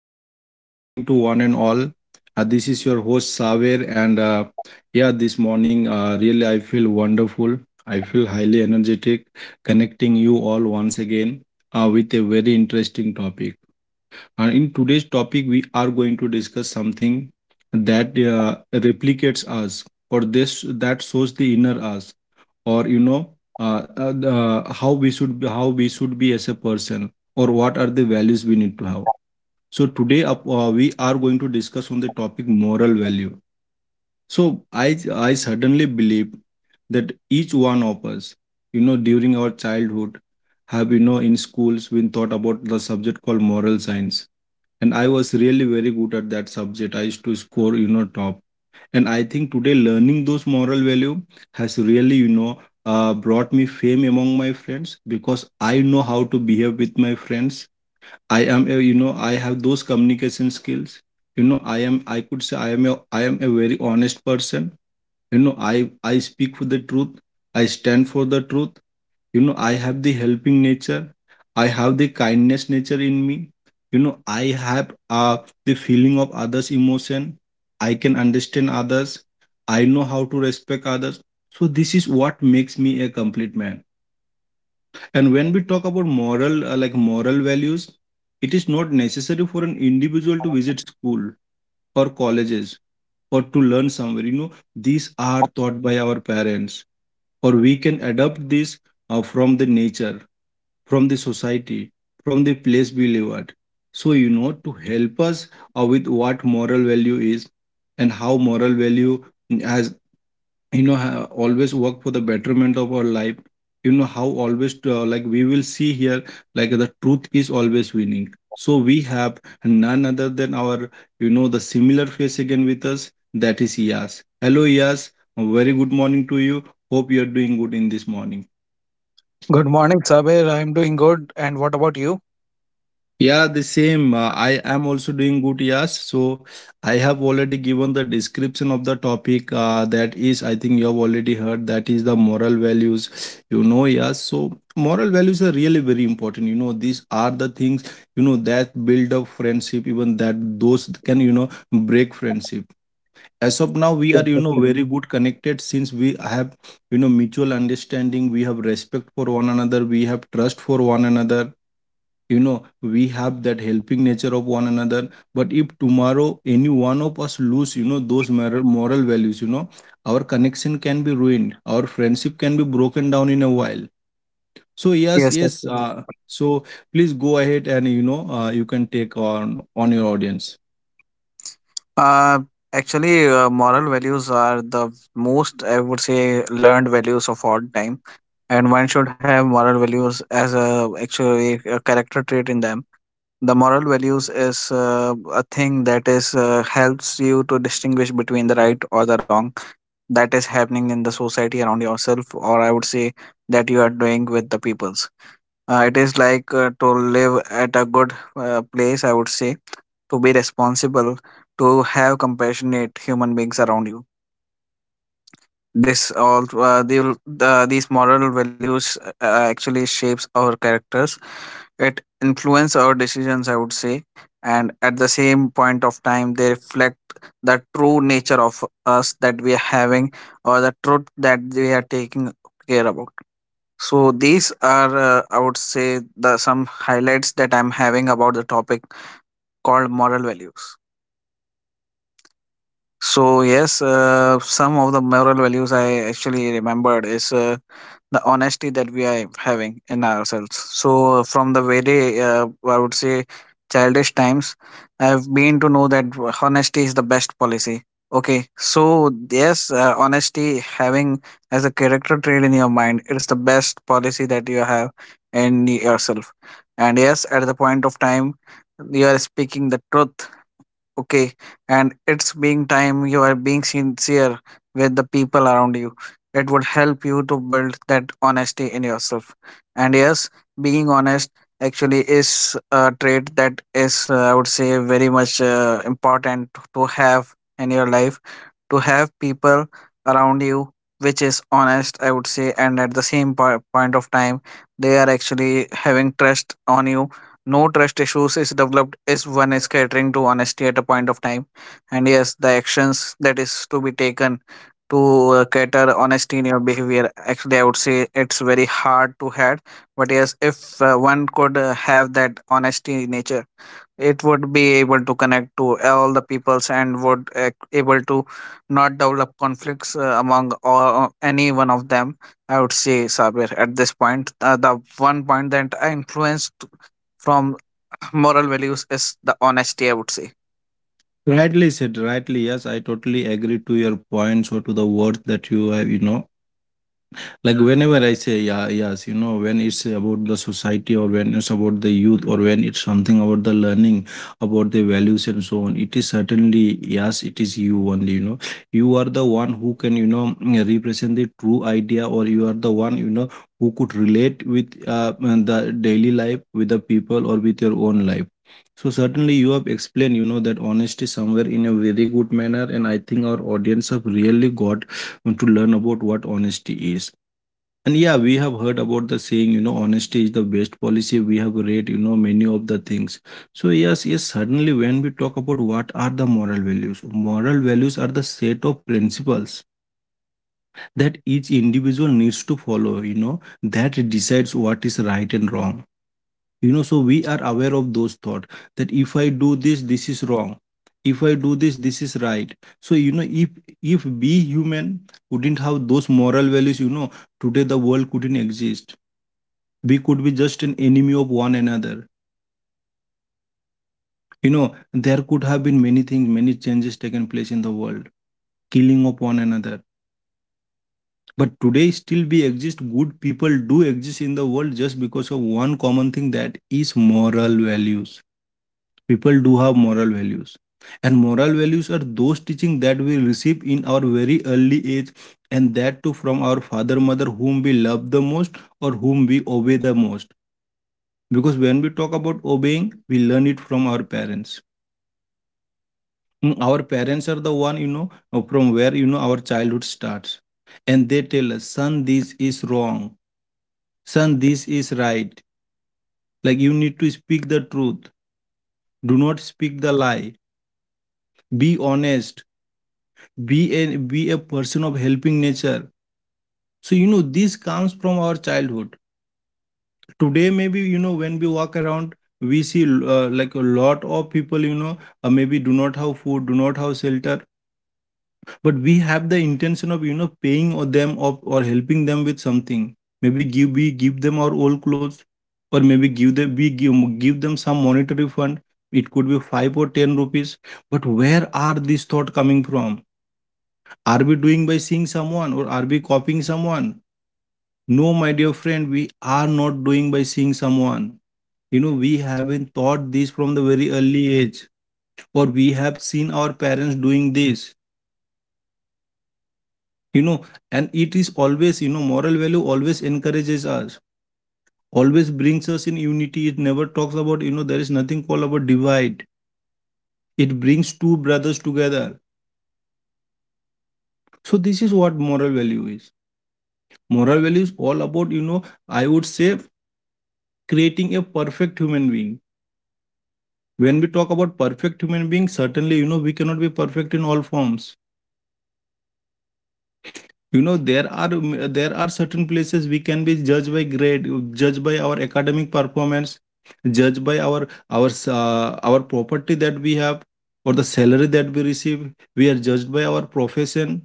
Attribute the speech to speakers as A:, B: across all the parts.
A: A very good morning to one and all. This is your host Saver, and yeah, this morning really I feel wonderful. I feel highly energetic, connecting you all once again with a very interesting topic. And in today's topic, we are going to discuss something that replicates us, or this that shows the inner us, or how we should be as a person, or what are the values we need to have. So today we are going to discuss on the topic moral value. So I I suddenly believe that each one of us, during our childhood, have in schools been taught about the subject called moral science, and I was really very good at that subject. I used to score top, and I think today learning those moral value has really brought me fame among my friends, because I know how to behave with my friends. I have those communication skills. I could say I am a very honest person. I speak for the truth. I stand for the truth. I have the helping nature. I have the kindness nature in me. I have the feeling of others' emotion. I can understand others. I know how to respect others. So this is what makes me a complete man. And when we talk about like moral values, it is not necessary for an individual to visit school or colleges or to learn somewhere. These are taught by our parents, or we can adopt this from the nature, from the society, from the place we live at. So, to help us with what moral value is, and how moral value has always work for the betterment of our life. You know how always like we will see here, like the truth is always winning. So we have none other than our, the similar face again with us, that is Yas. Hello Yas, very good morning to you. Hope you are doing good in this morning.
B: Good morning, Sabir. I'm doing good. And what about you?
A: Yeah, the same. I am also doing good, yes. So I have already given the description of the topic. That is, I think you have already heard, that is the moral values. Yes. So moral values are really very important. These are the things, that build up friendship, even that those can, break friendship. As of now, we are, very good connected, since we have, mutual understanding. We have respect for one another. We have trust for one another. You know we have that helping nature of one another. But if tomorrow any one of us lose those moral values, our connection can be ruined, our friendship can be broken down in a while. So yes,
B: Yes,
A: yes,
B: actually.
A: so please go ahead, and you can take on your audience.
B: Uh, actually, moral values are the most, I would say, learned values of all time, and one should have moral values as a actually a character trait in them. The moral values is a thing that is helps you to distinguish between the right or the wrong, that is happening in the society around yourself, or I would say that you are doing with the peoples. It is like to live at a good place, I would say, to be responsible, to have compassionate human beings around you. This all these moral values actually shapes our characters. It influence our decisions, I would say, and at the same point of time they reflect the true nature of us that we are having, or the truth that we are taking care about. So these are I would say the some highlights that I'm having about the topic called moral values. So yes, some of the moral values I actually remembered is the honesty that we are having in ourselves. So from the very, I would say, childish times, I've been to know that honesty is the best policy. Okay, so yes, honesty having as a character trait in your mind, it is the best policy that you have in yourself. And yes, at the point of time, you are speaking the truth, okay, and it's being time you are being sincere with the people around you. It would help you to build that honesty in yourself. And yes, being honest actually is a trait that is I would say very much important to have in your life, to have people around you which is honest, I would say. And at the same point of time they are actually having trust on you. No trust issues is developed is one is catering to honesty at a point of time, and yes, the actions that is to be taken to cater honesty in your behavior. Actually, I would say it's very hard to have, but yes, if one could have that honesty nature, it would be able to connect to all the peoples and would able to not develop conflicts among or any one of them. I would say Sabir at this point. The one point that I influenced from moral values is the honesty, I would say.
A: Rightly said, rightly, yes, I totally agree to your points, or to the words that you have. Like whenever I say, yeah, yes, when it's about the society, or when it's about the youth, or when it's something about the learning about the values and so on, it is certainly yes, it is you only. You are the one who can represent the true idea, or you are the one who could relate with the daily life with the people or with your own life. So certainly you have explained that honesty somewhere in a very good manner, and I think our audience have really got to learn about what honesty is. And yeah, we have heard about the saying, honesty is the best policy. We have read, many of the things. So yes, yes, suddenly when we talk about what are the moral values are the set of principles that each individual needs to follow, that decides what is right and wrong. So we are aware of those thoughts, that if I do this, this is wrong. If I do this, this is right. So if we human wouldn't have those moral values, today the world couldn't exist. We could be just an enemy of one another. There could have been many things, many changes taken place in the world, killing of one another. But today, still we exist. Good people do exist in the world, just because of one common thing, that is moral values. People do have moral values. And moral values are those teaching that we receive in our very early age, and that too from our father, mother, whom we love the most or whom we obey the most. Because when we talk about obeying, we learn it from our parents. Our parents are the one, from where, our childhood starts. And they tell us, son, this is wrong. Son, this is right. Like you need to speak the truth. Do not speak the lie. Be honest. Be a person of helping nature. So, this comes from our childhood. Today, maybe, when we walk around, we see like a lot of people, maybe do not have food, do not have shelter. But we have the intention of paying or them of or helping them with something. Maybe give we give them our old clothes, or maybe give them we give them some monetary fund. It could be 5 or 10 rupees. But where are these thought coming from? Are we doing by seeing someone, or are we copying someone? No, my dear friend, we are not doing by seeing someone. We haven't thought this from the very early age, or we have seen our parents doing this you know and it is always moral value always encourages us, always brings us in unity. It never talks about, there is nothing called about divide. It brings two brothers together. So this is what moral value is. Moral value is all about, I would say, creating a perfect human being. When we talk about perfect human being, certainly we cannot be perfect in all forms. You know there are there are certain places we can be judged by grade, judged by our academic performance, judged by our property that we have, or the salary that we receive. We are judged by our profession.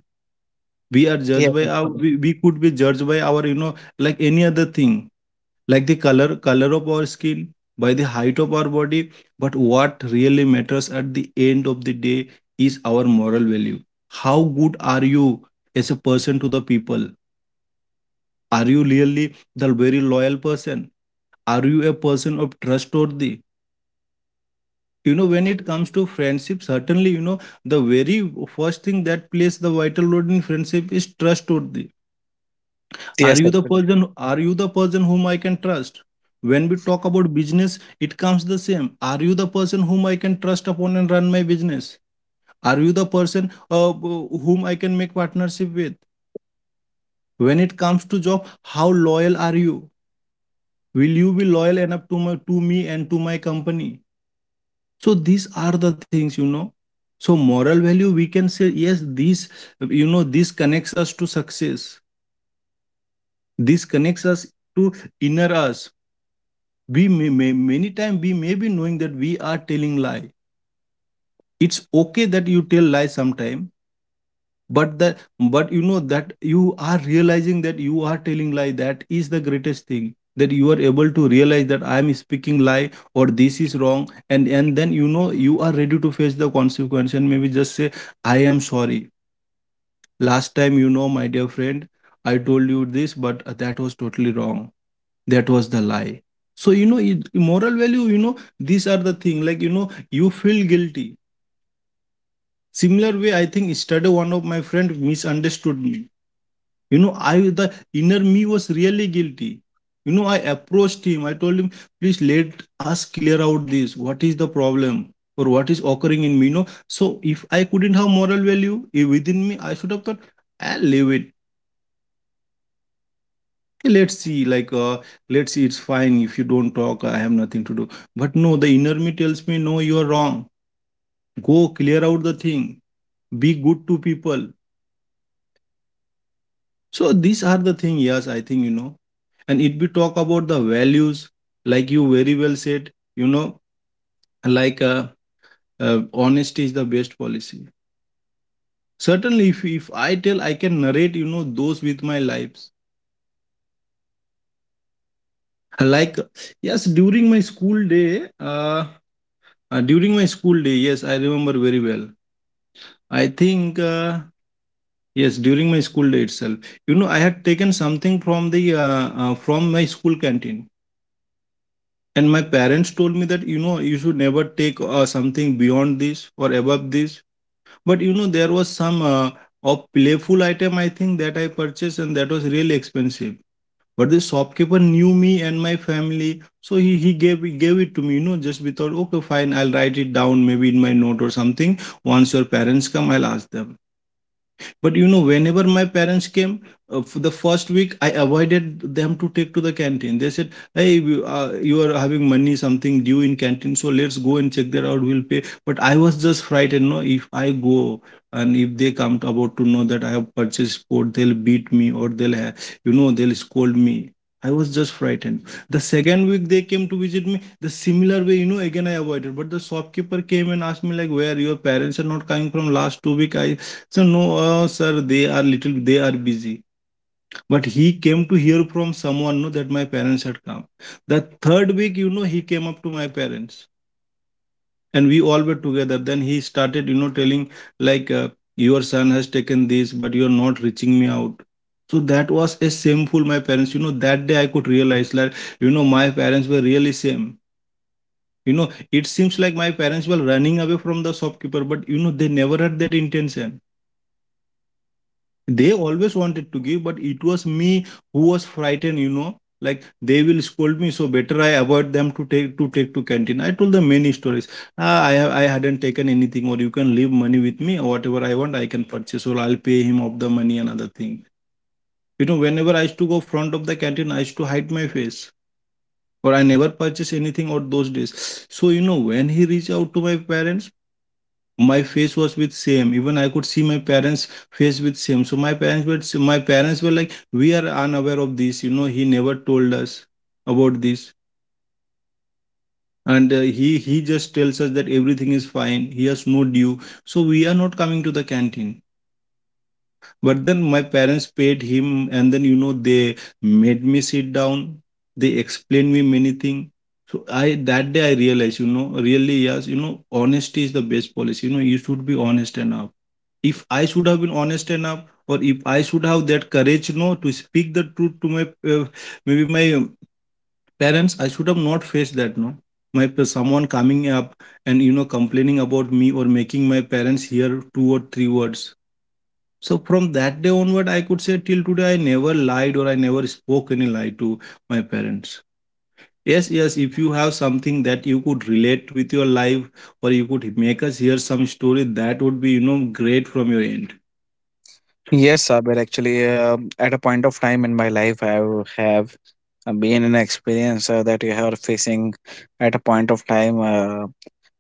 A: We are
B: Yes,
A: judged by our,
B: actually.
A: we could be judged by our, like any other thing. Like the color of our skin, by the height of our body. But what really matters at the end of the day is our moral value. How good are you as a person to the people? Are you really the very loyal person? Are you a person of trustworthy, when it comes to friendship? Certainly the very first thing that plays the vital role in friendship is trustworthy. Are
B: Yes,
A: you the
B: actually.
A: person? Are you the person whom I can trust? When we talk about business, it comes the same. Are you the person whom I can trust upon and run my business? Are you the person uh, whom I can make partnership with? When it comes to job, how loyal are you? Will you be loyal enough to me and to my company? So these are the things. So moral value, we can say, yes, this connects us to success. This connects us to inner us. We may many times we may be knowing that we are telling lie. It's okay that you tell lie sometime, but that but you know that you are realizing that you are telling lie. That is the greatest thing, that you are able to realize that I am speaking lie or this is wrong, and then you know you are ready to face the consequence and maybe just say I am sorry. Last time, you know, my dear friend, I told you this but that was totally wrong, that was the lie. So you know moral value, you know, these are the thing, like, you know, you feel guilty. Similar way, I think yesterday one of my friend misunderstood me. You know, I the inner me was really guilty. You know, I approached him, I told him, please let us clear out this, what is the problem or what is occurring in me, you know. So if I couldn't have moral value within me, I should have thought I'll leave it. Let's see, like let's see, it's fine, if you don't talk I have nothing to do. But no, the inner me tells me, no, you are wrong, go clear out the thing, be good to people. So these are the thing, yes, I think, you know. And if we talk about the values, like you very well said, you know, like uh, honesty is the best policy. Certainly, if I tell, I can narrate, you know, those with my lives. Like, yes, during my school day, yes, I remember very well. I think, yes, during my school day itself, you know, I had taken something from the from my school canteen. And my parents told me that, you know, you should never take something beyond this or above this. But, you know, there was some of playful item, I think, that I purchased, and that was really expensive. But the shopkeeper knew me and my family. So he gave it to me, you know, just without, okay, fine, I'll write it down maybe in my note or something. Once your parents come, I'll ask them. But you know, whenever my parents came, for the first week, I avoided them to take to the canteen. They said, "Hey, you are having money something due in canteen, so let's go and check that out. We'll pay." But I was just frightened. No, if I go, and if they come to, about to know that I have purchased sport, they'll beat me, or you know, they'll scold me. I was just frightened. The second week they came to visit me. The similar way, you know, again I avoided. But the shopkeeper came and asked me like, "Where your parents are not coming from last 2 week? I so no, sir, they are little, they are busy." But he came to hear from someone, no, that my parents had come. The third week, you know, he came up to my parents, and we all were together. Then he started, you know, telling like, your son has taken this, but you are not reaching me out. So that was a shameful. My parents, you know, that day I could realize that, you know, my parents were really same. You know, it seems like my parents were running away from the shopkeeper, but you know, they never had that intention. They always wanted to give, but it was me who was frightened, you know, like they will scold me, so better I avoid them to take to take to canteen. I told them many stories. I hadn't taken anything, or you can leave money with me, or whatever I want I can purchase, or I'll pay him of the money, another thing. You know, whenever I used to go front of the canteen, I used to hide my face, or I never purchase anything out those days. So you know, when he reached out to my parents, my face was with same, even I could see my parents face with same. So my parents were so, my parents were like, we are unaware of this, you know, he never told us about this, and he just tells us that everything is fine, he has no due, so we are not coming to the canteen. But then my parents paid him, and then you know they made me sit down, they explained me many things. So I, that day I realized, you know, really yes, you know, honesty is the best policy, you know, you should be honest enough. If I should have been honest enough, or if I should have that courage, no, to speak the truth to my uh, maybe my parents, I should have not faced that, no. Someone coming up and you know complaining about me, or making my parents hear two or three words. So from that day onward, I could say till today I never lied, or I never spoke any lie to my parents. Yes, yes, if you have something that you could relate with your life, or you could make us hear some story, that would be, you know, great from your end.
B: Yes, Sabir. Actually, at a point of time in my life, I have been in an experience that you are facing. At a point of time,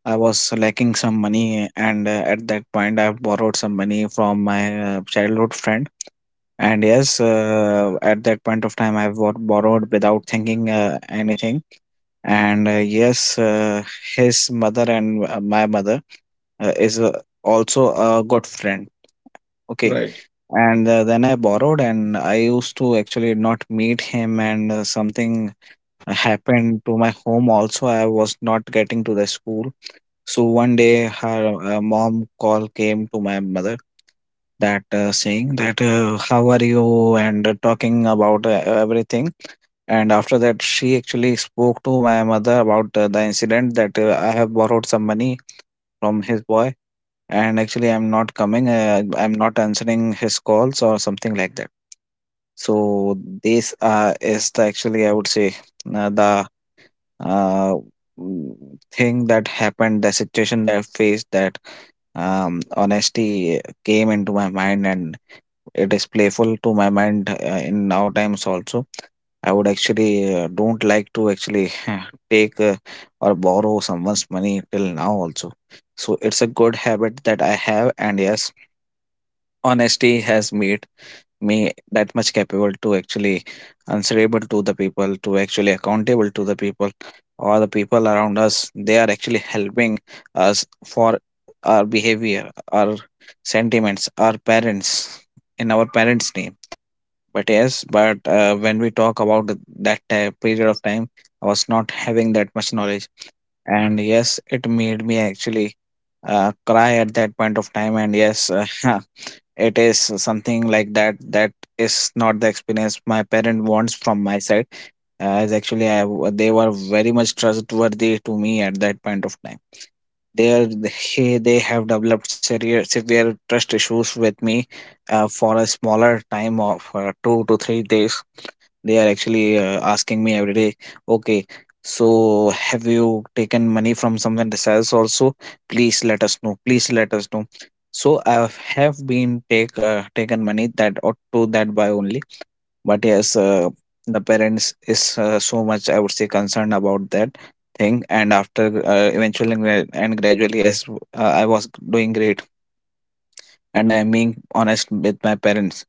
B: I was lacking some money, and at that point, I borrowed some money from my childhood friend. And yes, at that point of time, I borrowed without thinking anything. And yes, his mother and my mother is also a good friend, okay.
A: Right.
B: And then I borrowed and I used to actually not meet him, and something happened to my home also. I was not getting to the school, so one day her mom call came to my mother, that saying that how are you and talking about everything. And after that she actually spoke to my mother about the incident that I have borrowed some money from his boy, and actually I'm not coming, I'm not answering his calls or something like that. So this is the actually I would say uh, the uh, mm, thing that happened, the situation that I faced, that honesty came into my mind, and it is playful to my mind in our times also. I would actually don't like to actually take or borrow someone's money till now also. So it's a good habit that I have, and yes, honesty has made me that much capable to actually answerable to the people, to actually accountable to the people, or the people around us. They are actually helping us for our behavior, our sentiments, our parents in our parents' name. But yes, but when we talk about period of time I was not having that much knowledge. And yes, it made me actually cry at that point of time. And yes, it is something like that that is not the experience my parent wants from my side. As actually I they were very much trustworthy to me at that point of time. they they, they have developed severe, severe trust issues with me for a smaller time of 2 to 3 days. They are actually asking me every day, okay, so have you taken money from someone else also? Please let us know. Please let us know. So I have been taken money that or to that by only. But yes, the parents is so much I would say concerned about that thing. And after eventually and gradually, as I was doing great, and I am being honest with my parents,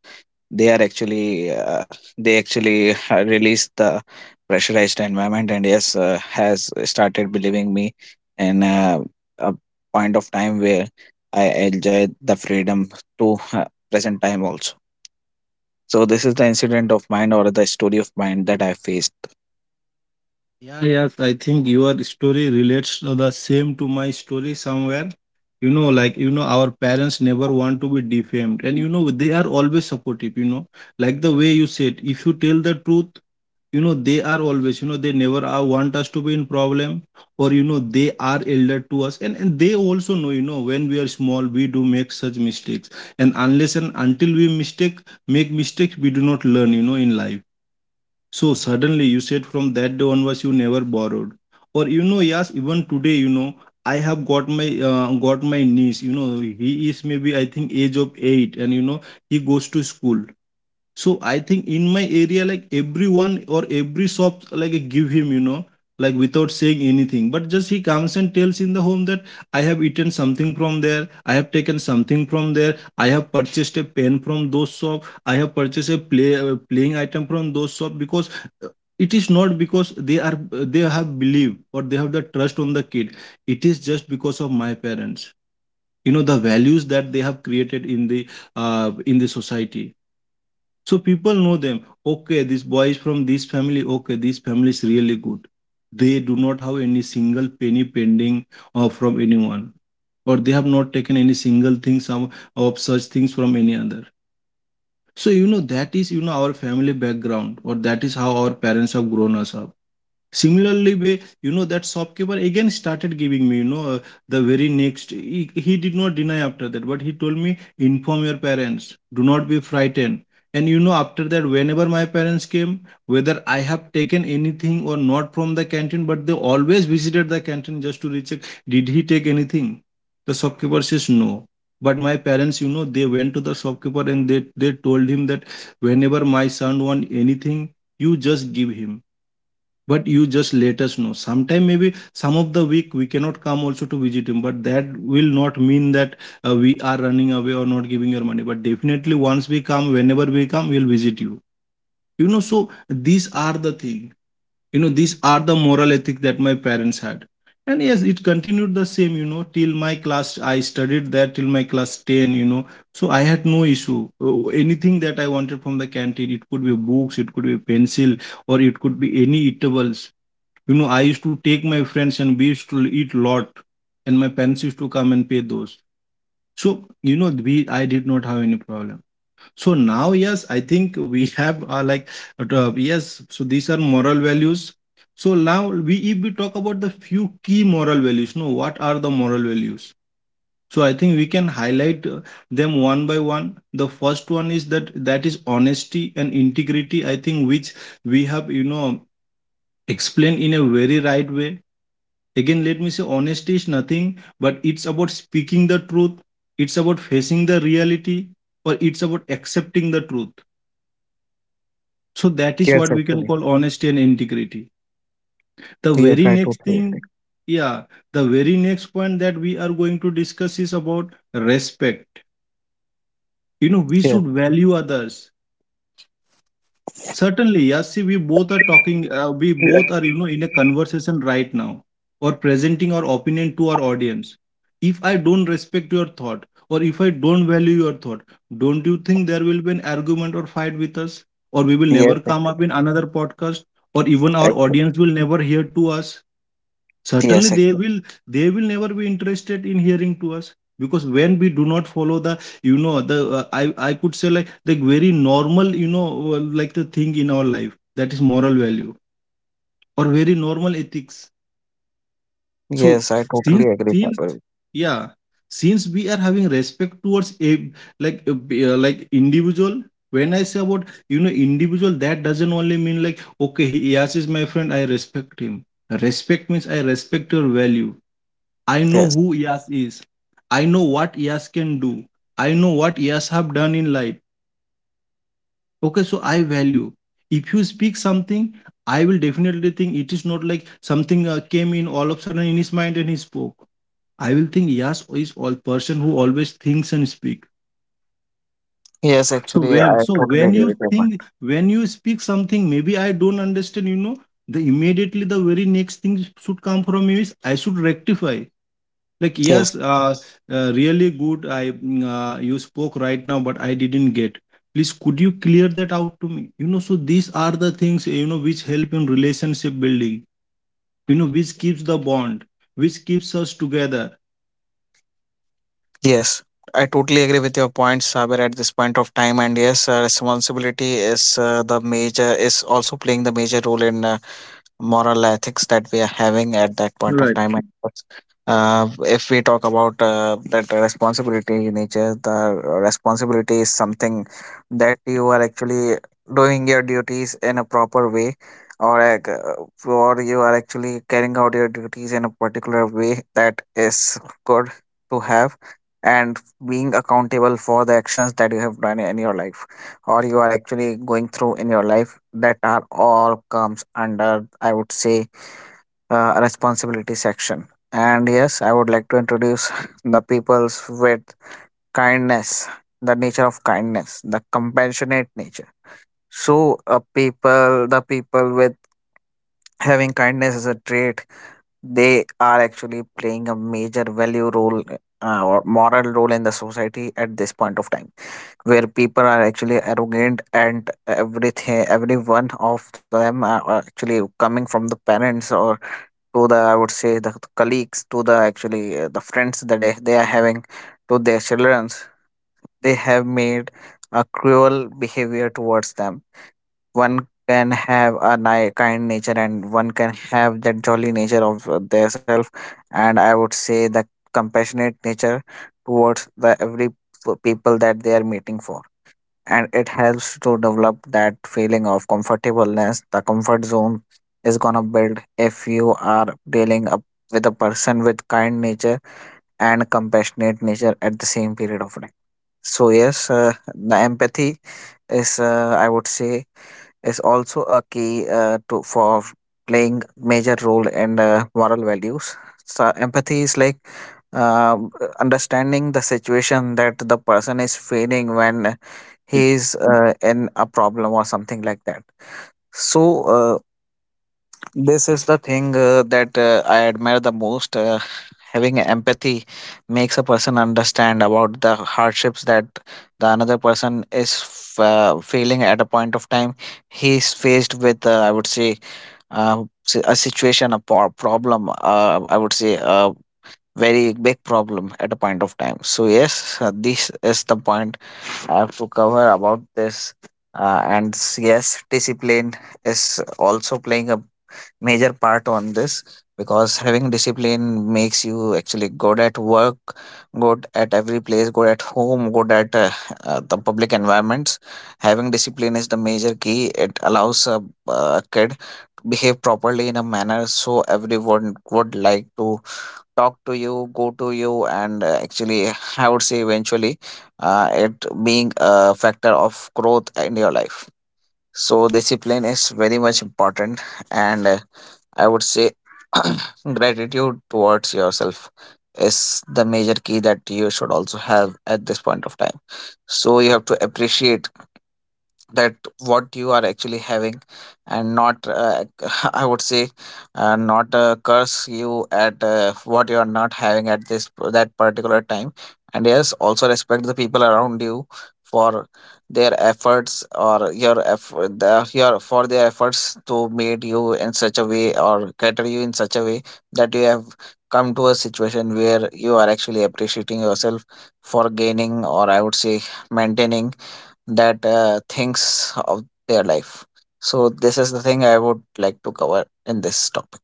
B: they are actually they actually release the pressurized environment, and yes has started believing me in a point of time where I enjoy the freedom to present time also. So this is the incident of mine or the story of mine that I faced.
A: Yeah, yes, I think your story relates to the same to my story somewhere. You know, like, you know, our parents never want to be defamed, and you know, they are always supportive, you know, like the way you said, if you tell the truth, you know, they are always, you know, they never are, want us to be in problem, or you know, they are elder to us, and they also know, you know, when we are small, we do make such mistakes, and unless and until we mistake make mistakes, we do not learn, you know, in life. So suddenly you said from that day onwards you never borrowed. Or you know, yes, even today, you know, I have got my niece. You know, he is maybe I think age of eight, and you know he goes to school. So I think in my area, like everyone or every shop, like give him, you know, like without saying anything. But just he comes and tells in the home that I have eaten something from there, I have taken something from there, I have purchased a pen from those shop, I have purchased a playing item from those shop. Because uh, it is not because they are, they have believe or they have the trust on the kid. It is just because of my parents. You know the values that they have created in the society, so people know them. Okay, this boy is from this family. Okay, this family is really good. They do not have any single penny pending or from anyone, or they have not taken any single thing, some of such things from any other. So you know that is, you know, our family background, or that is how our parents have grown us up. Similarly way, you know that shopkeeper again started giving me, you know, the very next, he did not deny after that, but he told me inform your parents, do not be frightened. And you know, after that whenever my parents came, whether I have taken anything or not from the canteen, but they always visited the canteen just to recheck, did he take anything. The shopkeeper says no, but my parents you know, they went to the shopkeeper and they told him that whenever my son want anything, you just give him, but you just let us know. Sometime maybe some of the week we cannot come also to visit him, but that will not mean that we are running away or not giving your money. But definitely once we come, whenever we come, we'll visit you. You know, so these are the thing, you know, these are the moral ethic that my parents had. And yes, it continued the same, you know, till my class, I studied there till my class 10, you know. So I had no issue. Anything that I wanted from the canteen, it could be books, it could be pencil, or it could be any eatables. You know, I used to take my friends and we used to eat lot, and my parents used to come and pay those. So you know, we I did not have any problem. So now, yes, I think we have like yes. So these are moral values. So now we, if we talk about the few key moral values, no, what are the moral values? So I think we can highlight them one by one. The first one is that, that is honesty and integrity, I think, which we have you know explained in a very right way. Again, let me say honesty is nothing, but it's about speaking the truth, it's about facing the reality, or it's about accepting the truth. So that is
B: Yes,
A: what we can
B: actually.
A: call honesty and integrity. The
B: Yes,
A: very
B: I
A: next
B: totally agree.
A: thing, yeah, the very next point that we are going to discuss is about respect. You know, we
B: Yes.
A: should value others. Certainly, yes. See, we both are talking. We
B: Yes.
A: both are, you know, in a
B: Actually,
A: conversation right now, or presenting our opinion to our audience. If I don't respect your thought, or if I don't value your thought, don't you think there will be an argument or fight with us, or we will
B: yes.
A: never come up in another podcast, or even our audience will never hear to us? Certainly
B: Actually,
A: they will. They will never be interested in hearing to us, because when we do not follow the the I could say like the very normal, like the thing in our life that is moral value or very normal ethics. So
B: yes. I
A: since
B: totally agree,
A: since
B: Fabio.
A: yeah, since we are having respect towards a, like a, like individual. When I say about, you know, individual, that doesn't only mean like, okay, he is my friend, I respect him. Respect means I respect your value. I know
B: Yes.
A: who Yas is. I know what Yas can do. I know what Yas have done in life. Okay, so I value. If you speak something, I will definitely think it is not like something came in all of a sudden in his mind and he spoke. I will think Yas is all person who always thinks and speak.
B: Yes.
A: So
B: Actually,
A: when
B: I
A: so
B: totally
A: when
B: agree with
A: you
B: your point.
A: think, when you speak something, maybe I don't understand. You know, the immediately the very next thing should come from you is I should rectify, like,
B: Yes.
A: yes, really good. I you spoke right now but I didn't get. Please could you clear that out to me? You know, so these are the things, you know, which help in relationship building, you know, which keeps the bond, which keeps us together.
B: Yes. I totally agree with your point, Saber, at this point of time. And yes, responsibility is the major, is also playing the major role in moral ethics that we are having at that point of
A: Right.
B: time. Uh, if we talk about that responsibility in nature, the responsibility is something that you are actually doing your duties in a proper way, or or you are actually carrying out your duties in a particular way that is good to have, and being accountable for the actions that you have done in your life, or you are actually going through in your life, that are all comes under I would say responsibility section. And yes, I would like to introduce the peoples with kindness, the nature of kindness, the compassionate nature. So a people, the people with having kindness as a trait, they are actually playing a major value role or moral role in the society at this point of time where people are actually arrogant and everything. Every one of them are actually coming from the parents, or to the, I would say, the colleagues, to the actually the friends that they are having, to their children. They have made a cruel behavior towards them. One can have a kind nature, and one can have that jolly nature of their self, and I would say the compassionate nature towards the every people that they are meeting for. And it helps to develop that feeling of comfortableness. The comfort zone is gonna build if you are dealing up with a person with kind nature and compassionate nature at the same period of time. So yes, the empathy is I would say is also a key to for playing major role in moral values. So empathy is like uh, understanding the situation that the person is feeling when he is in a problem or something like that. So this is the thing that I admire the most. Having empathy makes a person understand about the hardships that the another person is feeling at a point of time. He is faced with, I would say, a situation, a problem. I would say a very big problem at a point of time. So yes, this is the point I have to cover about this. Yes, discipline is also playing a major part on this, because having discipline makes you actually good at work, good at every place, good at home, good at the public environments. Having discipline is the major key. It allows a kid behave properly in a manner, so everyone would like to talk to you, go to you, and actually I would say eventually it being a factor of growth in your life. So discipline is very much important. And I would say gratitude towards yourself is the major key that you should also have at this point of time. So you have to appreciate that what you are actually having, and not I would say, not curse you at what you are not having at this, that particular time. And yes, also respect the people around you for their efforts, or your effort the, your for their efforts to made you in such a way or cater you in such a way that you have come to a situation where you are actually appreciating yourself for gaining, or I would say, maintaining that thinks of their life. So this is the thing I would like to cover in this topic.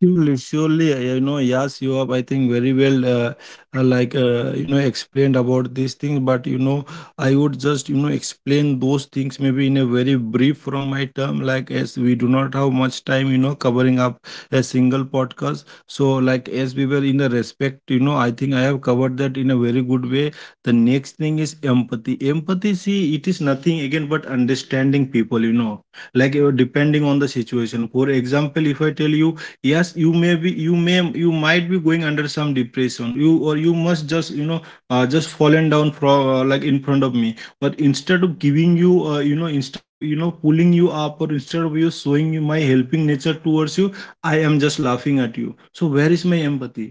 A: Surely, surely, you know, yes, you have, I think, very well, like, you know, explained about these things. But, you know, I would just, you know, explain those things maybe in a very brief from my term, like, as we do not have much time, you know, covering up a single podcast. So, like, as we were in the respect, you know, I think I have covered that in a very good way. The next thing is empathy. Empathy, see, it is nothing again but understanding people, you know, like, depending on the situation. For example, if I tell you, yes, you may you might be going under some depression, you, or you must just, you know, just fallen down from, like, in front of me. But instead of giving you, you know, instead of, you know, pulling you up, or instead of you showing you my helping nature towards you, I am just laughing at you. So where is my empathy?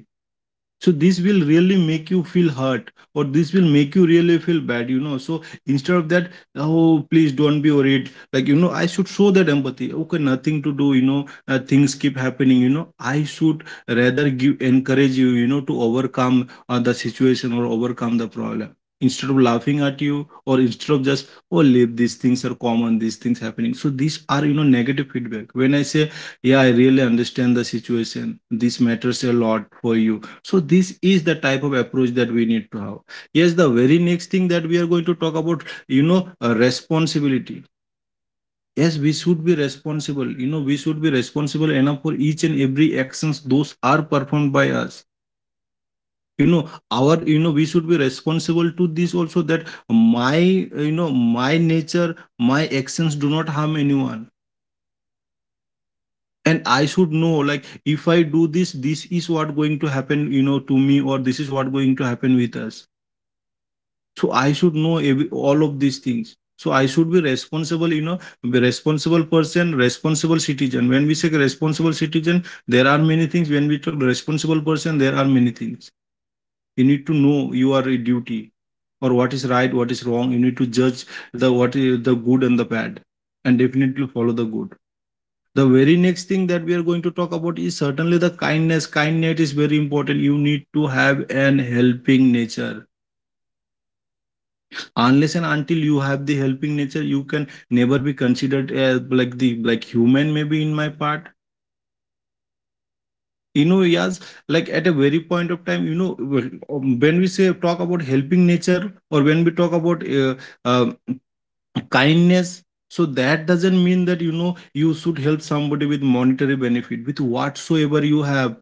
A: So this will really make you feel hurt, or this will make you really feel bad, you know. So instead of that, oh, please don't be worried, like, you know, I should show that empathy. Okay, nothing to do, you know, things keep happening, you know, I should rather give, encourage you, you know, to overcome the situation or overcome the problem, instead of laughing at you or instead of just, oh, leave, these things are common, these things happening. So these are, you know, negative feedback. When I say, yeah, I really understand the situation, this matters a lot for you, so this is the type of approach that we need to have. Yes, the very next thing that we are going to talk about, you know, responsibility. Yes, we should be responsible. You know, we should be responsible enough for each and every actions those are performed by us. You know, our, you know, we should be responsible to this also, that my, you know, my nature, my actions do not harm anyone. And I should know, like, if I do this, this is what going to happen, you know, to me, or this is what going to happen with us. So I should know every, all of these things. So I should be responsible, you know, be responsible person, responsible citizen. When we say responsible citizen, there are many things. When we talk responsible person, there are many things. You need to know your duty, or what is right, what is wrong. You need to judge the what is the good and the bad, and definitely follow the good. The very next thing that we are going to talk about is certainly the kindness. Kindness is very important. You need to have an helping nature. Unless and until you have the helping nature, you can never be considered as like the, like human, maybe in my part, you know. Yes, like at a very point of time, you know, when we say talk about helping nature, or when we talk about um kindness, so that doesn't mean that, you know, you should help somebody with monetary benefit, with whatsoever you have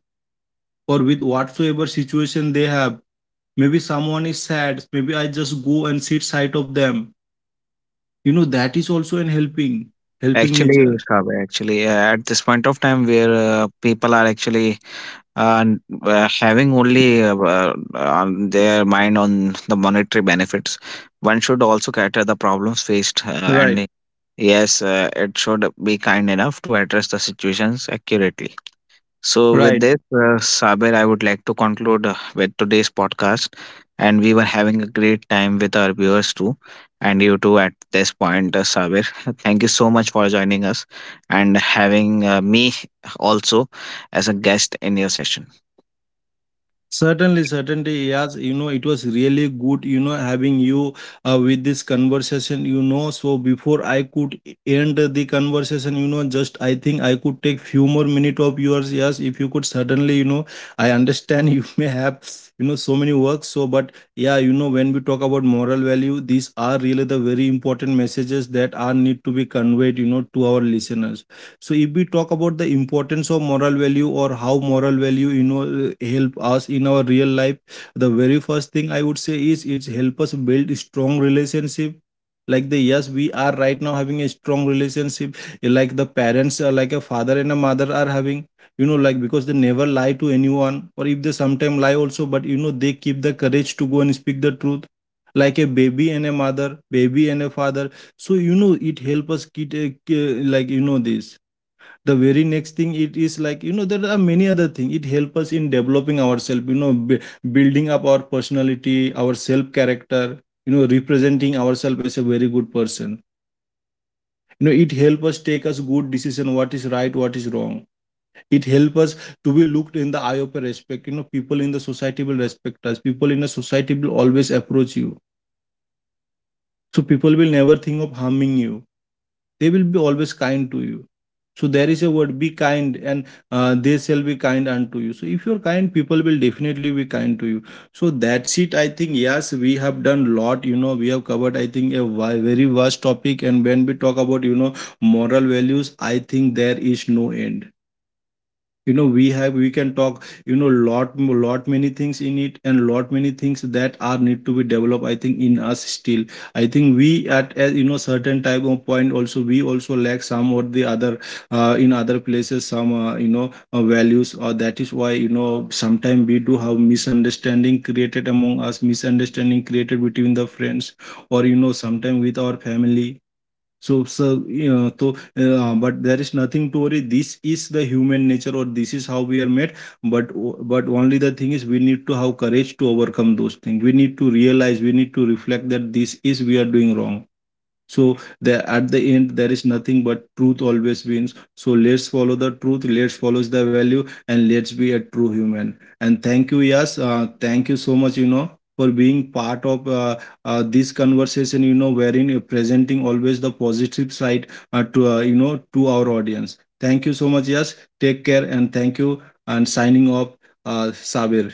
A: or with whatsoever situation they have. Maybe someone is sad, maybe I just go and sit side of them. You know, that is also an helping, helping
B: Actually,
A: nature.
B: Kaveh, actually, at this point of time where people are actually n- having only on their mind on the monetary benefits, one should also cater the problems faced. Uh,
A: Right,
B: and yes, it should be kind enough to address the situations accurately. So, with
A: right.
B: this, Saber, I would like to conclude with today's podcast. And we were having a great time with our viewers too, and you too at this point, Saber. Thank you so much for joining us and having me also as a guest in your session.
A: Certainly, certainly, yes. You know, it was really good, you know, having you with this conversation, you know. So before I could end the conversation, you know, just I think I could take few more minute of yours. Yes, if you could certainly, you know, I understand you may have, you know, so many works. So, but yeah, you know, when we talk about moral value, these are really the very important messages that are need to be conveyed, you know, to our listeners. So if we talk about the importance of moral value, or how moral value, you know, help us in our real life, the very first thing I would say is it's help us build strong relationship. Like the, yes, we are right now having a strong relationship, eh, like the parents, like a father and a mother are having, you know, like because they never lie to anyone, or if they sometime lie also, but you know they keep the courage to go and speak the truth, like a baby and a mother, baby and a father. So you know it help us get, like, you know, this. The very next thing, it is like, you know, there are many other things. It helps us in developing ourselves, you know, building up our personality, our self character, you know, representing ourselves as a very good person. You know, it helps us take us good decision, what is right, what is wrong. It helps us to be looked in the eye of a respect, you know. People in the society will respect us, people in the society will always approach you. So people will never think of harming you. They will be always kind to you. So there is a word, be kind, and they shall be kind unto you. So if you're kind, people will definitely be kind to you. So that's it. I think yes, we have done lot. You know, we have covered, I think, a very vast topic. And when we talk about, you know, moral values, I think there is no end. You know, we can talk, you know, lot many things in it, and lot many things that are need to be developed, I think, in us still. I think we at a, you know, certain type of point also, we also lack some or the other, in other places, some, you know, values, or that is why, you know, sometimes we do have misunderstanding created among us, misunderstanding created between the friends, or, you know, sometimes with our family. So, you know, so, but there is nothing to worry. This is the human nature, or this is how we are made. But, but only the thing is, we need to have courage to overcome those things. We need to realize, we need to reflect that this is we are doing wrong. So the at the end, there is nothing but truth always wins. So let's follow the truth, let's follow the value, and let's be a true human. And thank you, yes, thank you so much. You know, for being part of this conversation. You know, wherein you're presenting always the positive side, to, you know, to our audience. Thank you so much, yes. Take care and thank you. And signing off, Sabir.